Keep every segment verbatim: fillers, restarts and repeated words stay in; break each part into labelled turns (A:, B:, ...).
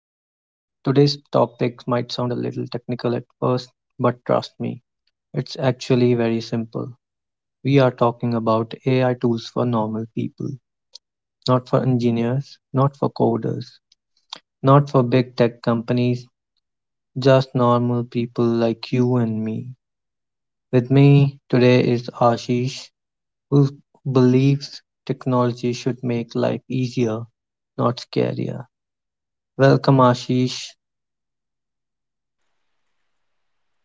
A: topic might sound a little technical at first, but trust me, it's actually very simple. We are talking about A I tools for normal people, not for engineers, not for coders, not for big tech companies, just normal people like you and me. With me today is Ashish, who believes technology should make life easier, not scarier. Welcome, Ashish.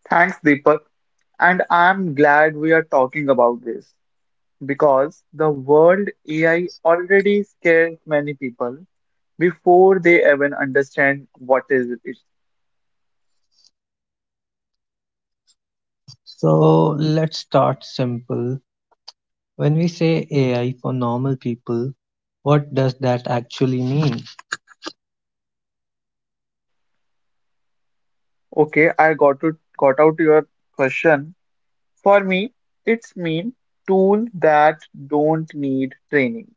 B: Thanks, Deepak. And I'm glad we are talking about this because the world A I already scares many people before they even understand what is it.
A: So let's start simple. When we say A I for normal people, what does that actually mean?
B: Okay, I got to got out your question. For me, it's mean tool that don't need training.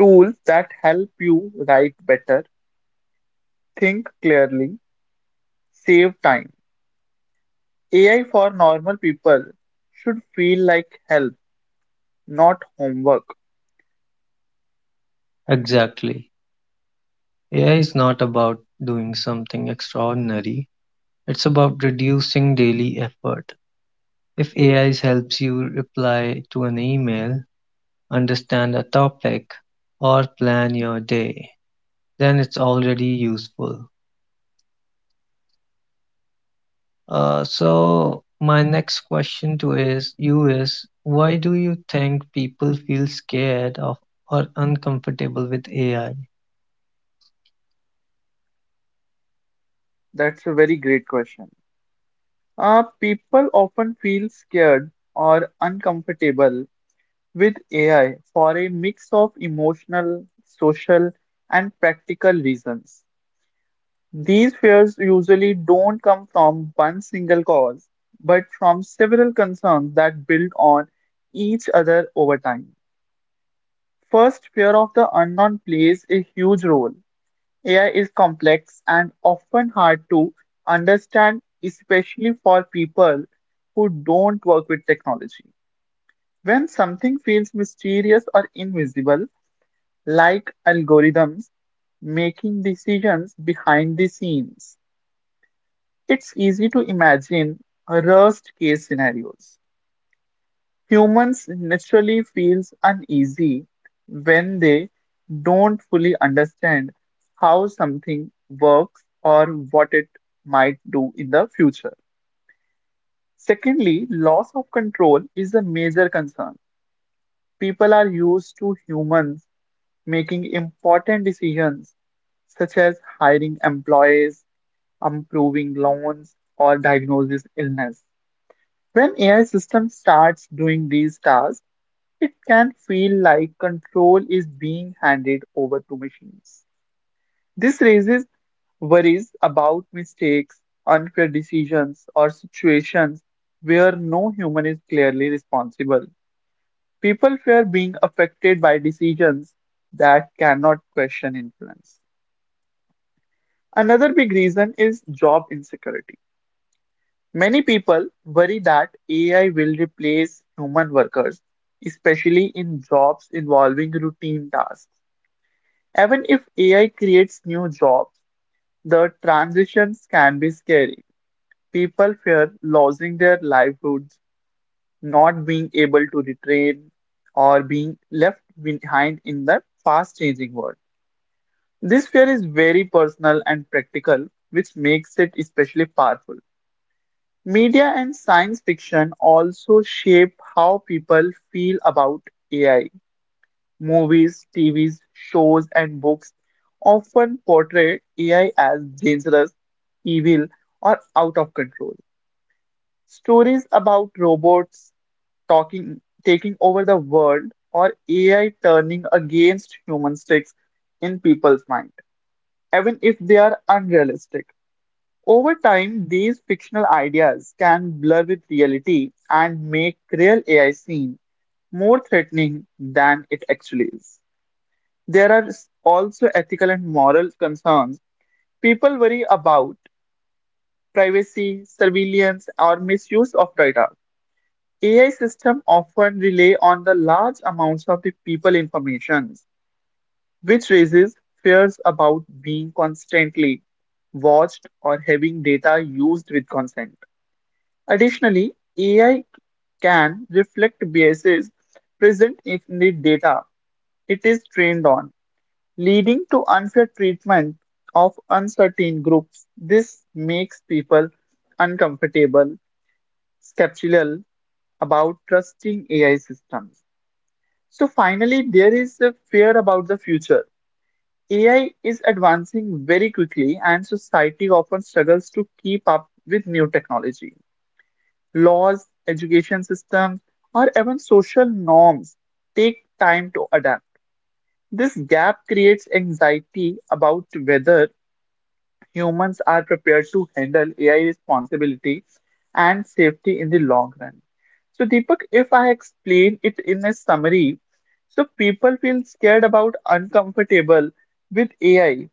B: Tools that help you write better, think clearly, save time. A I for normal people should feel like help, not homework.
A: Exactly. A I is not about doing something extraordinary, it's about reducing daily effort. If A I helps you reply to an email, understand a topic, or plan your day, then it's already useful. Uh, so my next question to is you is why do you think people feel scared of or uncomfortable with A I?
B: That's a very great question. Uh, people often feel scared or uncomfortable with A I for a mix of emotional, social, and practical reasons. These fears usually don't come from one single cause, but from several concerns that build on each other over time. First, fear of the unknown plays a huge role. A I is complex and often hard to understand, especially for people who don't work with technology. When something feels mysterious or invisible, like algorithms making decisions behind the scenes, it's easy to imagine worst case scenarios. Humans naturally feels uneasy when they don't fully understand how something works or what it might do in the future. Secondly, loss of control is a major concern. People are used to humans making important decisions such as hiring employees, approving loans, or diagnosis illness. When A I system starts doing these tasks, it can feel like control is being handed over to machines. This raises worries about mistakes, unfair decisions, or situations where no human is clearly responsible. People fear being affected by decisions that cannot question influence. Another big reason is job insecurity. Many people worry that A I will replace human workers, especially in jobs involving routine tasks. Even if A I creates new jobs, the transitions can be scary. People fear losing their livelihoods, not being able to retrain, or being left behind in the fast changing world. This fear is very personal and practical, which makes it especially powerful. Media and science fiction also shape how people feel about A I. Movies, T Vs, shows, and books often portray A I as dangerous, evil, or out of control. Stories about robots talking, taking over the world or A I turning against human sticks in people's mind, even if they are unrealistic. Over time, these fictional ideas can blur with reality and make real A I seem more threatening than it actually is. There are s- also ethical and moral concerns. People worry about privacy, surveillance, or misuse of data. A I systems often rely on the large amounts of the people information, which raises fears about being constantly watched or having data used with consent. Additionally, A I can reflect biases present in the data it is trained on, leading to unfair treatment of uncertain groups. This makes people uncomfortable, skeptical about trusting A I systems. So, finally, there is a fear about the future. A I is advancing very quickly, and society often struggles to keep up with new technology. Laws, education systems, or even social norms take time to adapt. This gap creates anxiety about whether humans are prepared to handle A I responsibility and safety in the long run. So, Deepak, if I explain it in a summary, so people feel scared about uncomfortable with A I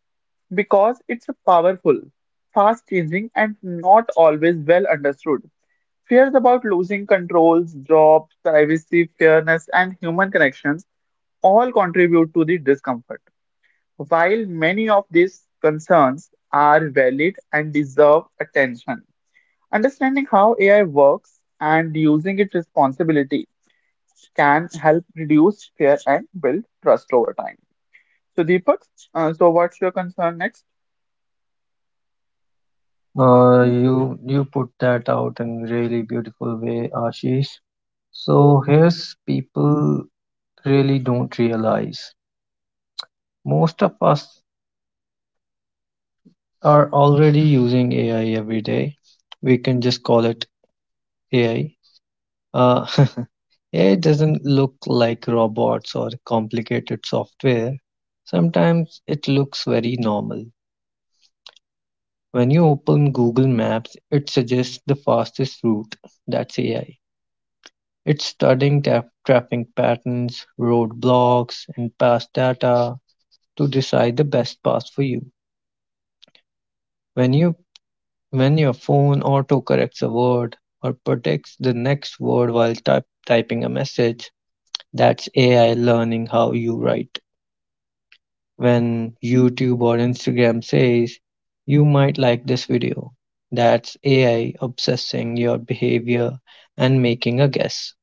B: because it's powerful, fast changing, and not always well understood. Fears about losing controls, jobs, privacy, fairness, and human connections all contribute to the discomfort. While many of these concerns are valid and deserve attention, understanding how A I works and using it responsibility can help reduce fear and build trust over time. So, Deepak, uh, so what's your concern next?
A: Uh, you you put that out in really beautiful way, Ashish. So here's people really don't realize. Most of us are already using A I every day. We can just call it A I. Uh, A I doesn't look like robots or complicated software. Sometimes it looks very normal. When you open Google Maps, it suggests the fastest route. That's A I. It's studying tra- traffic patterns, roadblocks, and past data to decide the best path for you. When you when your phone autocorrects a word or predicts the next word while type, typing a message, that's A I learning how you write. When YouTube or Instagram says, you might like this video, that's A I obsessing your behavior and making a guess.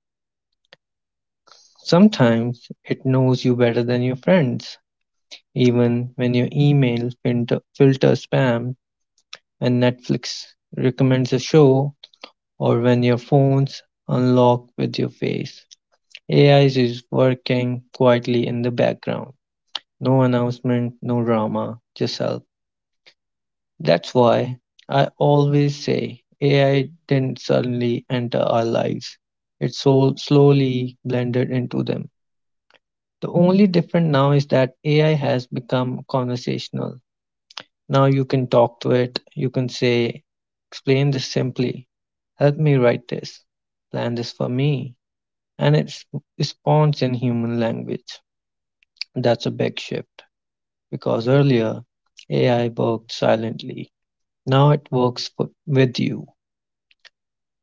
A: Sometimes it knows you better than your friends, even when your email filter, filters spam, when Netflix recommends a show, or when your phone's unlocked with your face. A I is working quietly in the background. No announcement, no drama, just help. That's why I always say A I didn't suddenly enter our lives. It so slowly blended into them. The only difference now is that A I has become conversational. Now you can talk to it, you can say, explain this simply, help me write this, plan this for me, and it responds in human language. That's a big shift because earlier A I worked silently. Now it works for, with you.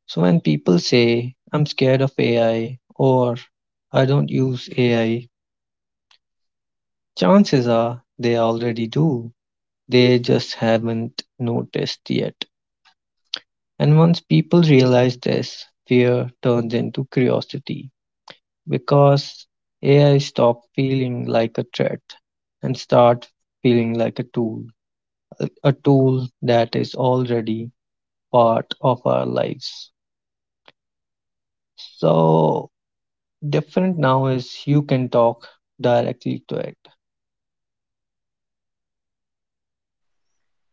A: So when people say, I'm scared of A I or I don't use A I, chances are they already do. They just haven't noticed yet. And once people realize this, fear turns into curiosity because A I stops feeling like a threat and start feeling like a tool, a a tool that is already part of our lives. So different now is you can talk directly to it.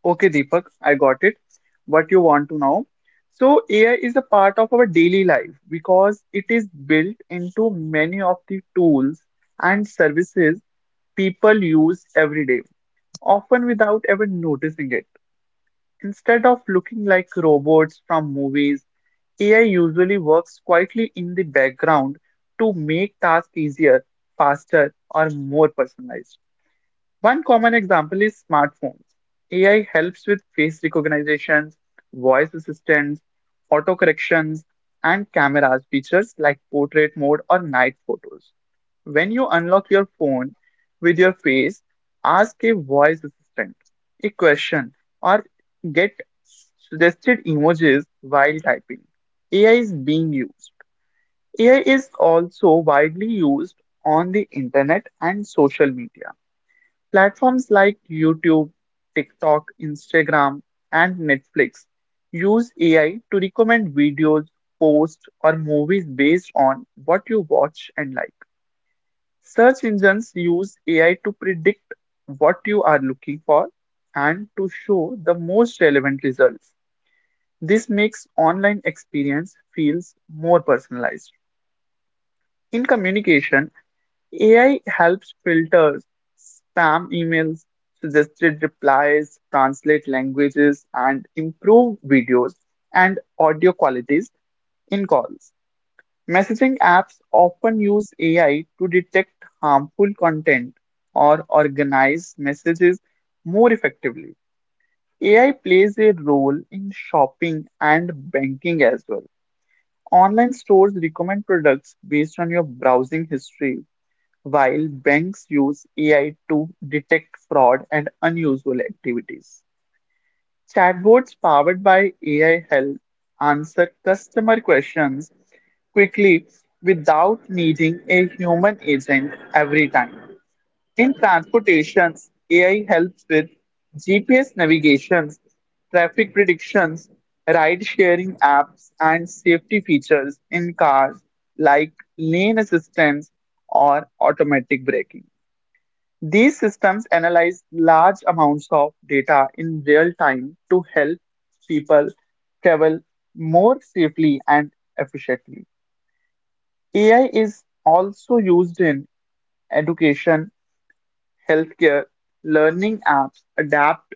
B: Okay, Deepak, I got it. What you want to know? So, A I is a part of our daily life because it is built into many of the tools and services people use every day often without ever noticing it. Instead of looking like robots from movies, A I usually works quietly in the background to make tasks easier, faster, or more personalized. One common example is smartphones. A I helps with face recognition, voice assistance, auto corrections, and cameras features like portrait mode or night photos. When you unlock your phone with your face, ask a voice assistant a question, or get suggested emojis while typing, A I is being used. A I is also widely used on the internet and social media. Platforms like YouTube, TikTok, Instagram, and Netflix use A I to recommend videos, posts, or movies based on what you watch and like. Search engines use A I to predict what you are looking for and to show the most relevant results. This makes online experience feels more personalized. In communication, A I helps filter spam emails, suggested replies, translate languages, and improve videos and audio qualities in calls. Messaging apps often use A I to detect harmful content or organize messages more effectively. A I plays a role in shopping and banking as well. Online stores recommend products based on your browsing history, while banks use A I to detect fraud and unusual activities. Chatbots powered by A I help answer customer questions quickly without needing a human agent every time. In transportations, A I helps with G P S navigations, traffic predictions, ride sharing apps, and safety features in cars like lane assistance or automatic braking. These systems analyze large amounts of data in real time to help people travel more safely and efficiently. A I is also used in education, healthcare. Learning apps adapt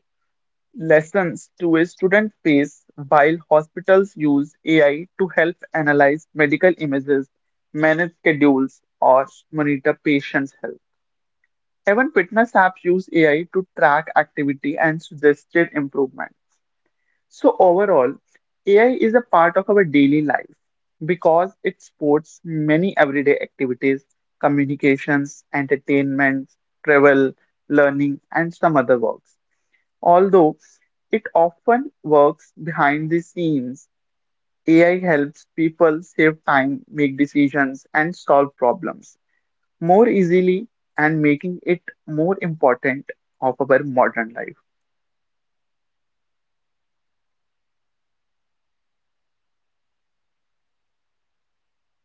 B: lessons to a student face, while hospitals use A I to help analyze medical images, manage schedules, or monitor patients' health. Even fitness apps use A I to track activity and suggested improvement. So overall, A I is a part of our daily life because it supports many everyday activities, communications, entertainment, travel, learning, and some other works. Although it often works behind the scenes, A I helps people save time, make decisions, and solve problems more easily and making it more important of our modern life.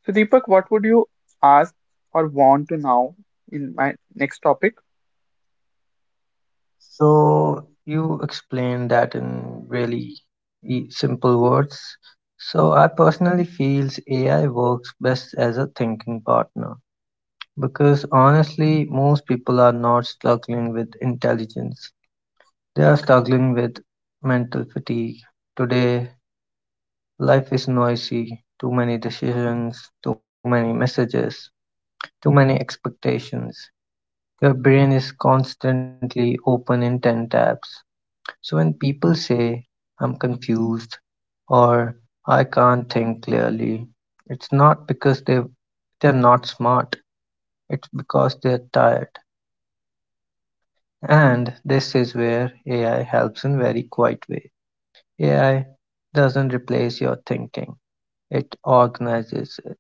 B: So Deepak, what would you ask or want to now in my next topic?
A: So you explained that in really e- simple words. So I personally feels A I works best as a thinking partner because honestly most people are not struggling with intelligence. They are struggling with mental fatigue. Today life is noisy, too many decisions, too many messages, too many expectations. Your brain is constantly open in ten tabs. So when people say, I'm confused or I can't think clearly, it's not because they, they're not smart, it's because they're tired. And this is where A I helps in very quiet way. A I doesn't replace your thinking, it organizes it.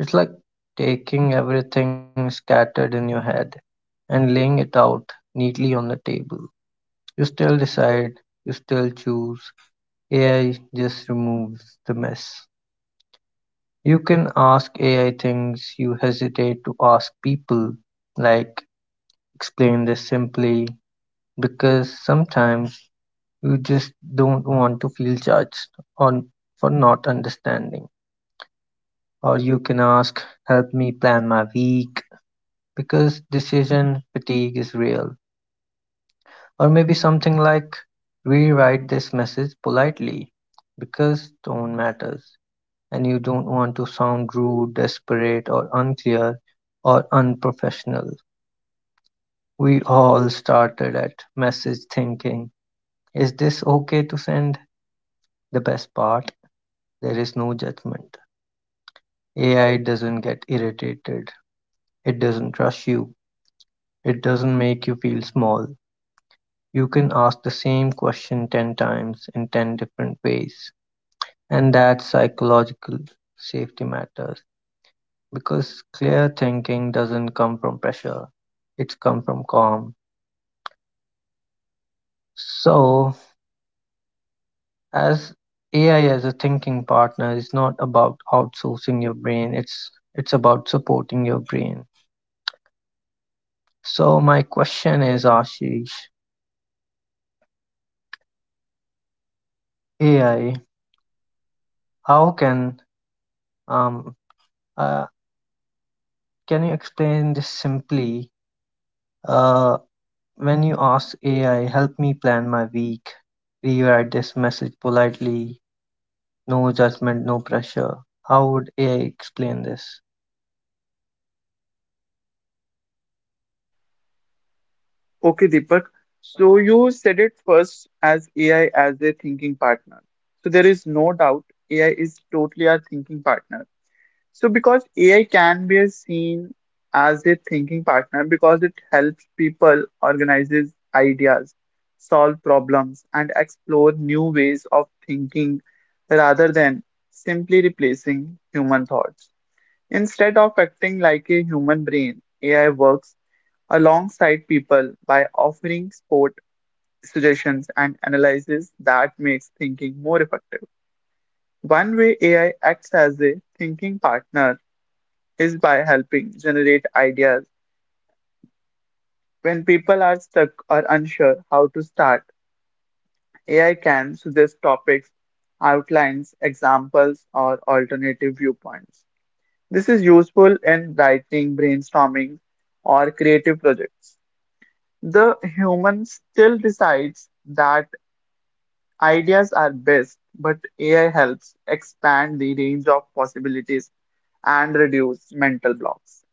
A: It's like taking everything scattered in your head and laying it out neatly on the table. You still decide, you still choose. A I just removes the mess. You can ask A I things you hesitate to ask people, like explain this simply, because sometimes you just don't want to feel judged on for not understanding. Or you can ask, help me plan my week, because decision fatigue is real. Or maybe something like, rewrite this message politely because tone matters. And you don't want to sound rude, desperate, or unclear, or unprofessional. We all started at message thinking, is this okay to send? The best part, there is no judgment. A I doesn't get irritated. It doesn't rush you. It doesn't make you feel small. You can ask the same question ten times in ten different ways. And that psychological safety matters. Because clear thinking doesn't come from pressure, it's come from calm. So as A I as a thinking partner is not about outsourcing your brain, it's it's about supporting your brain. So my question is Ashish, A I, how can um uh, can you explain this simply? Uh when you ask A I, help me plan my week, rewrite this message politely, no judgment, no pressure. How would A I explain this?
B: Okay, Deepak. So you said it first as A I as a thinking partner. So there is no doubt A I is totally our thinking partner. So, because A I can be seen as a thinking partner because it helps people organizes ideas, solve problems, and explore new ways of thinking rather than simply replacing human thoughts. Instead of acting like a human brain, A I works alongside people by offering support, suggestions, and analysis that makes thinking more effective. One way A I acts as a thinking partner is by helping generate ideas. When people are stuck or unsure how to start, A I can suggest topics, outlines, examples, or alternative viewpoints. This is useful in writing, brainstorming, or creative projects. The human still decides that ideas are best, but A I helps expand the range of possibilities and reduce mental blocks.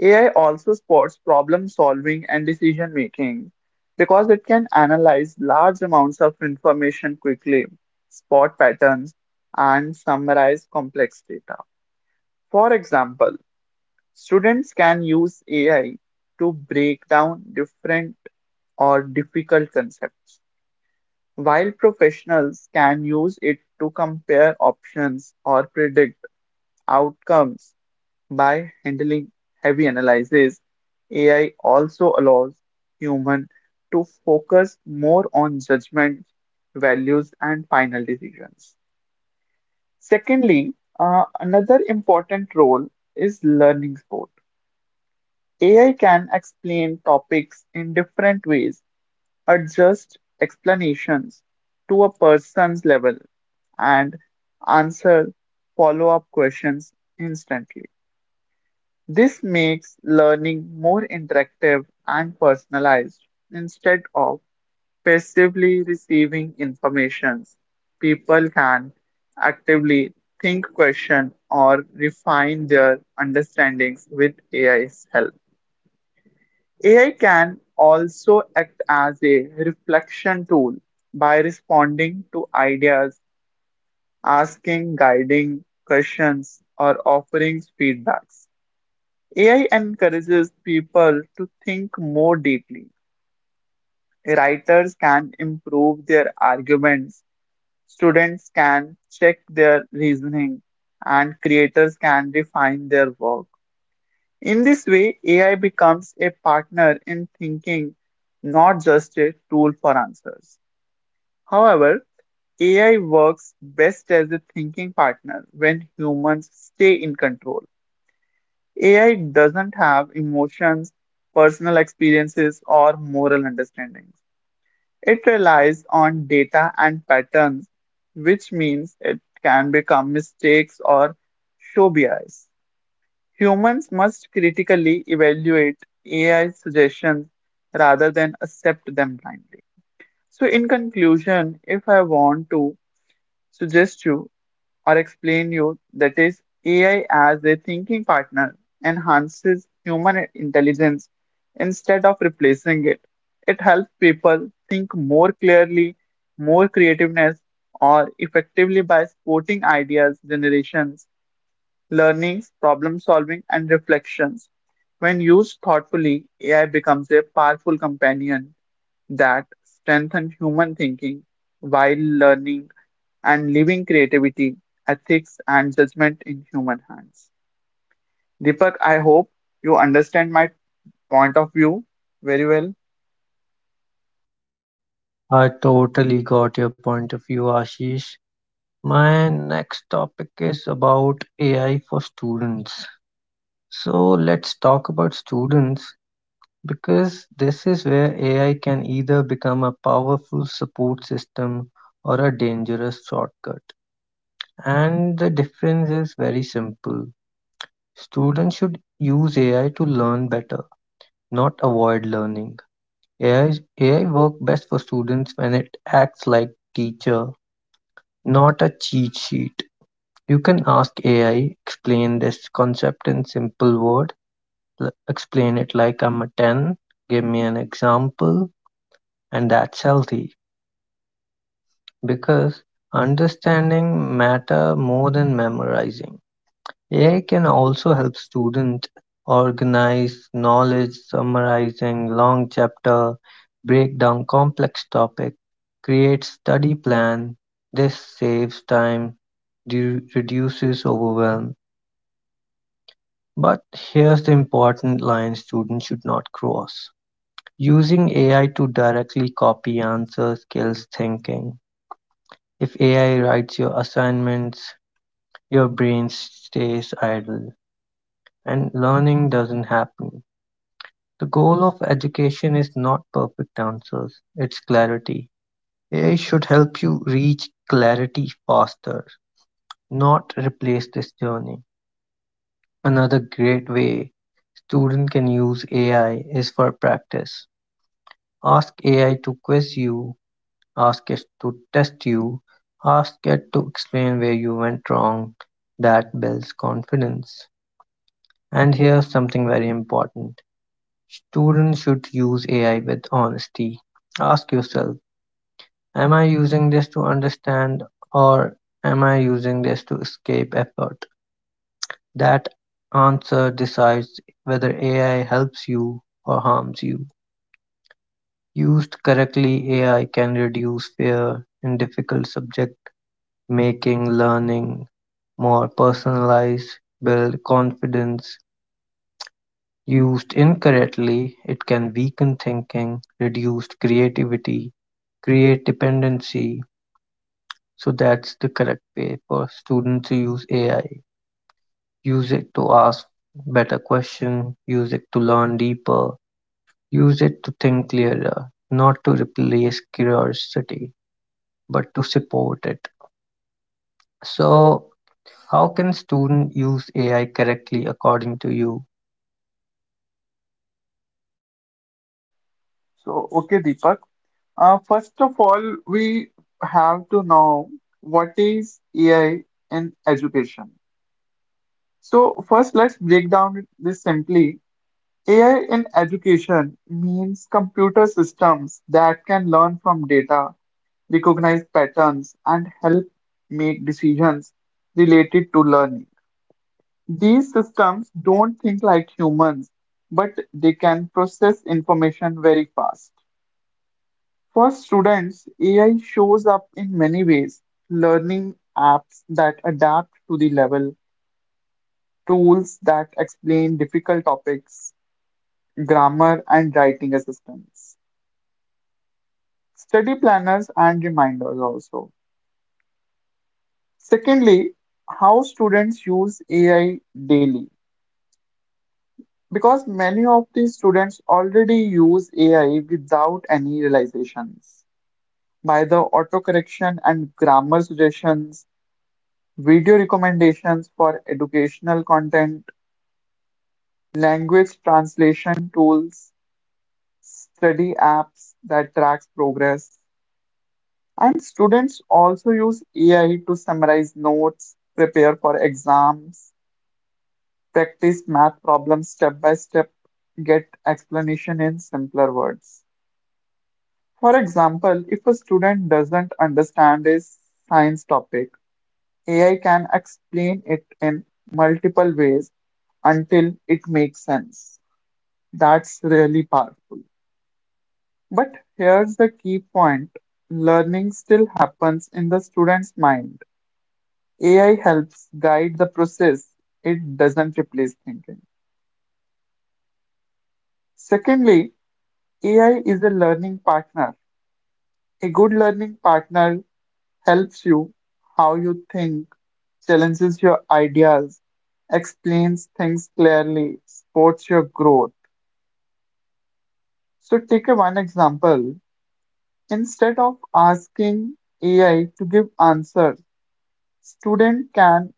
B: A I also supports problem solving and decision making because it can analyze large amounts of information quickly, spot patterns, and summarize complex data. For example, students can use A I to break down different or difficult concepts, while professionals can use it to compare options or predict outcomes by handling heavy analysis. A I also allows human to focus more on judgment, values, and final decisions. Secondly, uh, another important role is learning support. A I can explain topics in different ways, adjust explanations to a person's level, and answer follow-up questions instantly. This makes learning more interactive and personalized. Instead of passively receiving information, people can actively think, question, or refine their understandings with A I's help. A I can also act as a reflection tool by responding to ideas, asking guiding questions, or offering feedbacks. A I encourages people to think more deeply. Writers can improve their arguments, students can check their reasoning, and creators can refine their work. In this way, A I becomes a partner in thinking, not just a tool for answers. However, A I works best as a thinking partner when humans stay in control. A I doesn't have emotions, personal experiences, or moral understandings. It relies on data and patterns, which means it can become mistakes or show bias. Humans must critically evaluate A I suggestions rather than accept them blindly. So, in conclusion, if I want to suggest you or explain you that is A I as a thinking partner enhances human intelligence instead of replacing it. It helps people think more clearly, more creativeness, or effectively by supporting ideas, generations, learnings, problem solving, and reflections. When used thoughtfully, A I becomes a powerful companion that strengthens human thinking while learning and leaving creativity, ethics, and judgment in human hands. Deepak, I hope you understand my point of view very well.
A: I totally got your point of view, Ashish. My next topic is about A I for students. So let's talk about students because this is where A I can either become a powerful support system or a dangerous shortcut. And the difference is very simple. Students should use A I to learn better, not avoid learning. A I works best for students when it acts like teacher, not a cheat sheet. You can ask A I, explain this concept in simple word, l- explain it like I'm a ten, give me an example, and that's healthy because understanding matter more than memorizing. Ai can also help students organize knowledge, summarizing long chapter, break down complex topic, create study plan. This saves time, du- reduces overwhelm. But here's the important line students should not cross. Using A I to directly copy answers kills thinking. If A I writes your assignments, your brain stays idle and learning doesn't happen. The goal of education is not perfect answers, it's clarity. A I should help you reach clarity faster, not replace this journey. Another great way students can use A I is for practice. Ask A I to quiz you, ask it to test you, ask it to explain where you went wrong. That builds confidence. And here's something very important. Students should use A I with honesty. Ask yourself, am I using this to understand or am I using this to escape effort? That answer decides whether A I helps you or harms you. Used correctly, A I can reduce fear in difficult subject, making learning more personalized, build confidence. Used incorrectly, it can weaken thinking, reduce creativity, create dependency. So that's the correct way for students to use A I. Use it to ask better questions, use it to learn deeper, use it to think clearer, not to replace curiosity, but to support it. So, how can students use A I correctly according to you?
B: So, okay, Deepak. Uh, first of all, we have to know what is A I in education. So, first, let's break down this simply. A I in education means computer systems that can learn from data, recognize patterns, and help make decisions related to learning. These systems don't think like humans, but they can process information very fast. For students, A I shows up in many ways. Learning apps that adapt to the level, tools that explain difficult topics, grammar and writing assistance, study planners and reminders also. Secondly, how students use A I daily. Because many of these students already use A I without any realizations. By the autocorrection and grammar suggestions, video recommendations for educational content, language translation tools, study apps that tracks progress, and students also use A I to summarize notes, prepare for exams, practice math problems step by step, get explanation in simpler words. For example, if a student doesn't understand a science topic, A I can explain it in multiple ways until it makes sense. That's really powerful. But here's the key point. Learning still happens in the student's mind. A I helps guide the process. It doesn't replace thinking. Secondly, A I is a learning partner. A good learning partner helps you how you think, challenges your ideas, explains things clearly, supports your growth. So take a one example. Instead of asking A I to give answers, student can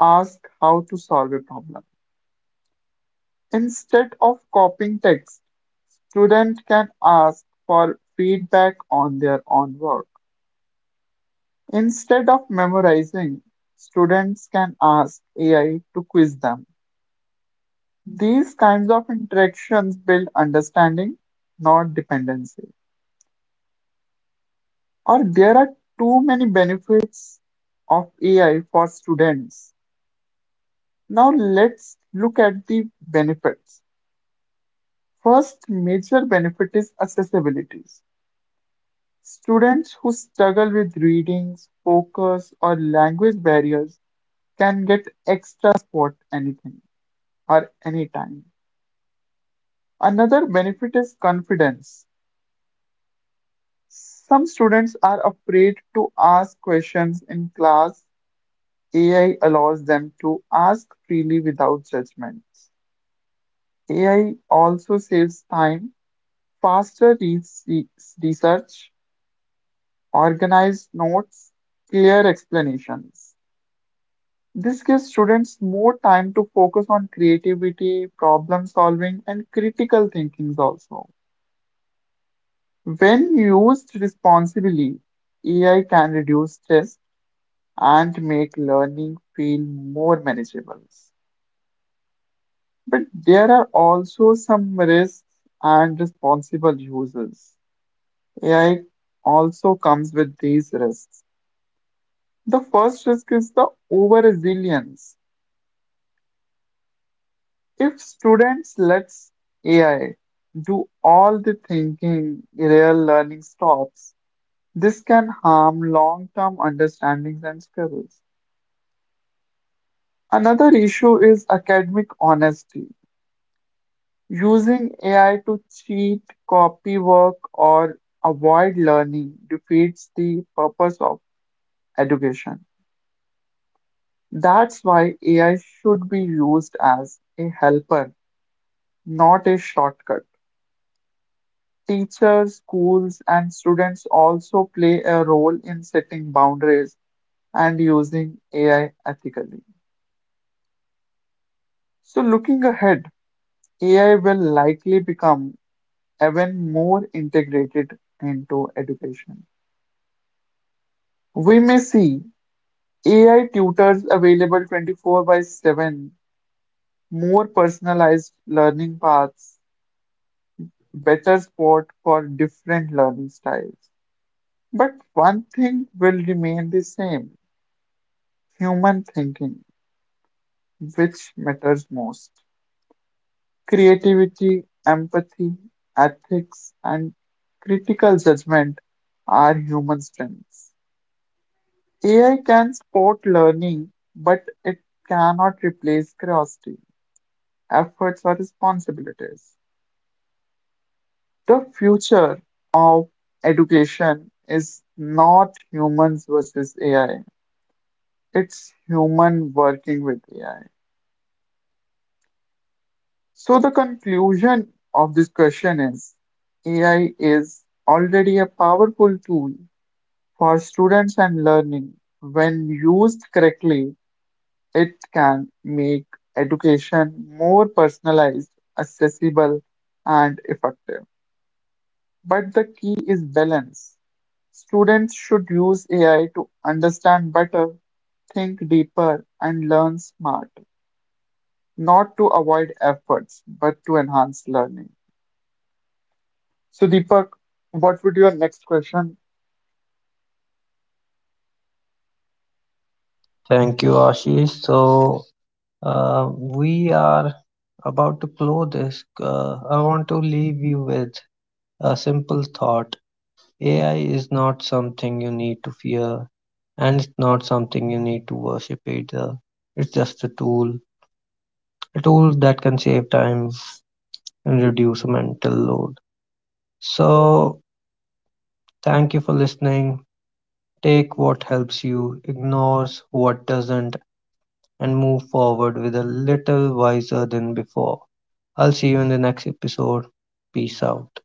B: ask how to solve a problem. Instead of copying text, student can ask for feedback on their own work. Instead of memorizing, students can ask A I to quiz them. These kinds of interactions build understanding, not dependency. Or there are too many benefits of A I for students. Now let's look at the benefits. First major benefit is accessibility. Students who struggle with reading, focus, or language barriers can get extra support anything or anytime. Another benefit is confidence. Some students are afraid to ask questions in class. A I allows them to ask freely without judgment. A I also saves time, faster re- re- research, organized notes, clear explanations. This gives students more time to focus on creativity, problem solving, and critical thinking also. When used responsibly, A I can reduce stress and make learning feel more manageable. But there are also some risks and responsible users. A I also comes with these risks. The first risk is the over resilience. If students let A I do all the thinking, real learning stops. This can harm long term understandings and skills. Another issue is academic honesty. Using A I to cheat, copy work, or avoid learning defeats the purpose of education. That's why A I should be used as a helper, not a shortcut. Teachers, schools, and students also play a role in setting boundaries and using A I ethically. So, looking ahead, A I will likely become even more integrated into education. We may see A I tutors available twenty-four by seven, more personalized learning paths, better support for different learning styles. But one thing will remain the same, human thinking, which matters most. Creativity, empathy, ethics, and critical judgment are human strengths. A I can support learning, but it cannot replace curiosity, efforts, or responsibilities. The future of education is not humans versus A I, it's human working with A I. So the conclusion of this question is A I is already a powerful tool for students and learning. When used correctly, it can make education more personalized, accessible, and effective. But the key is balance. Students should use A I to understand better, think deeper, and learn smarter, not to avoid efforts, but to enhance learning. So, Deepak, what would your next question
A: Thank you, Ashish. So, uh, we are about to close this. Uh, I want to leave you with a simple thought. A I is not something you need to fear, and it's not something you need to worship either. It's just a tool, a tool that can save time and reduce mental load. So, thank you for listening. Take what helps you, ignores what doesn't, and move forward with a little wiser than before. I'll see you in the next episode. Peace out.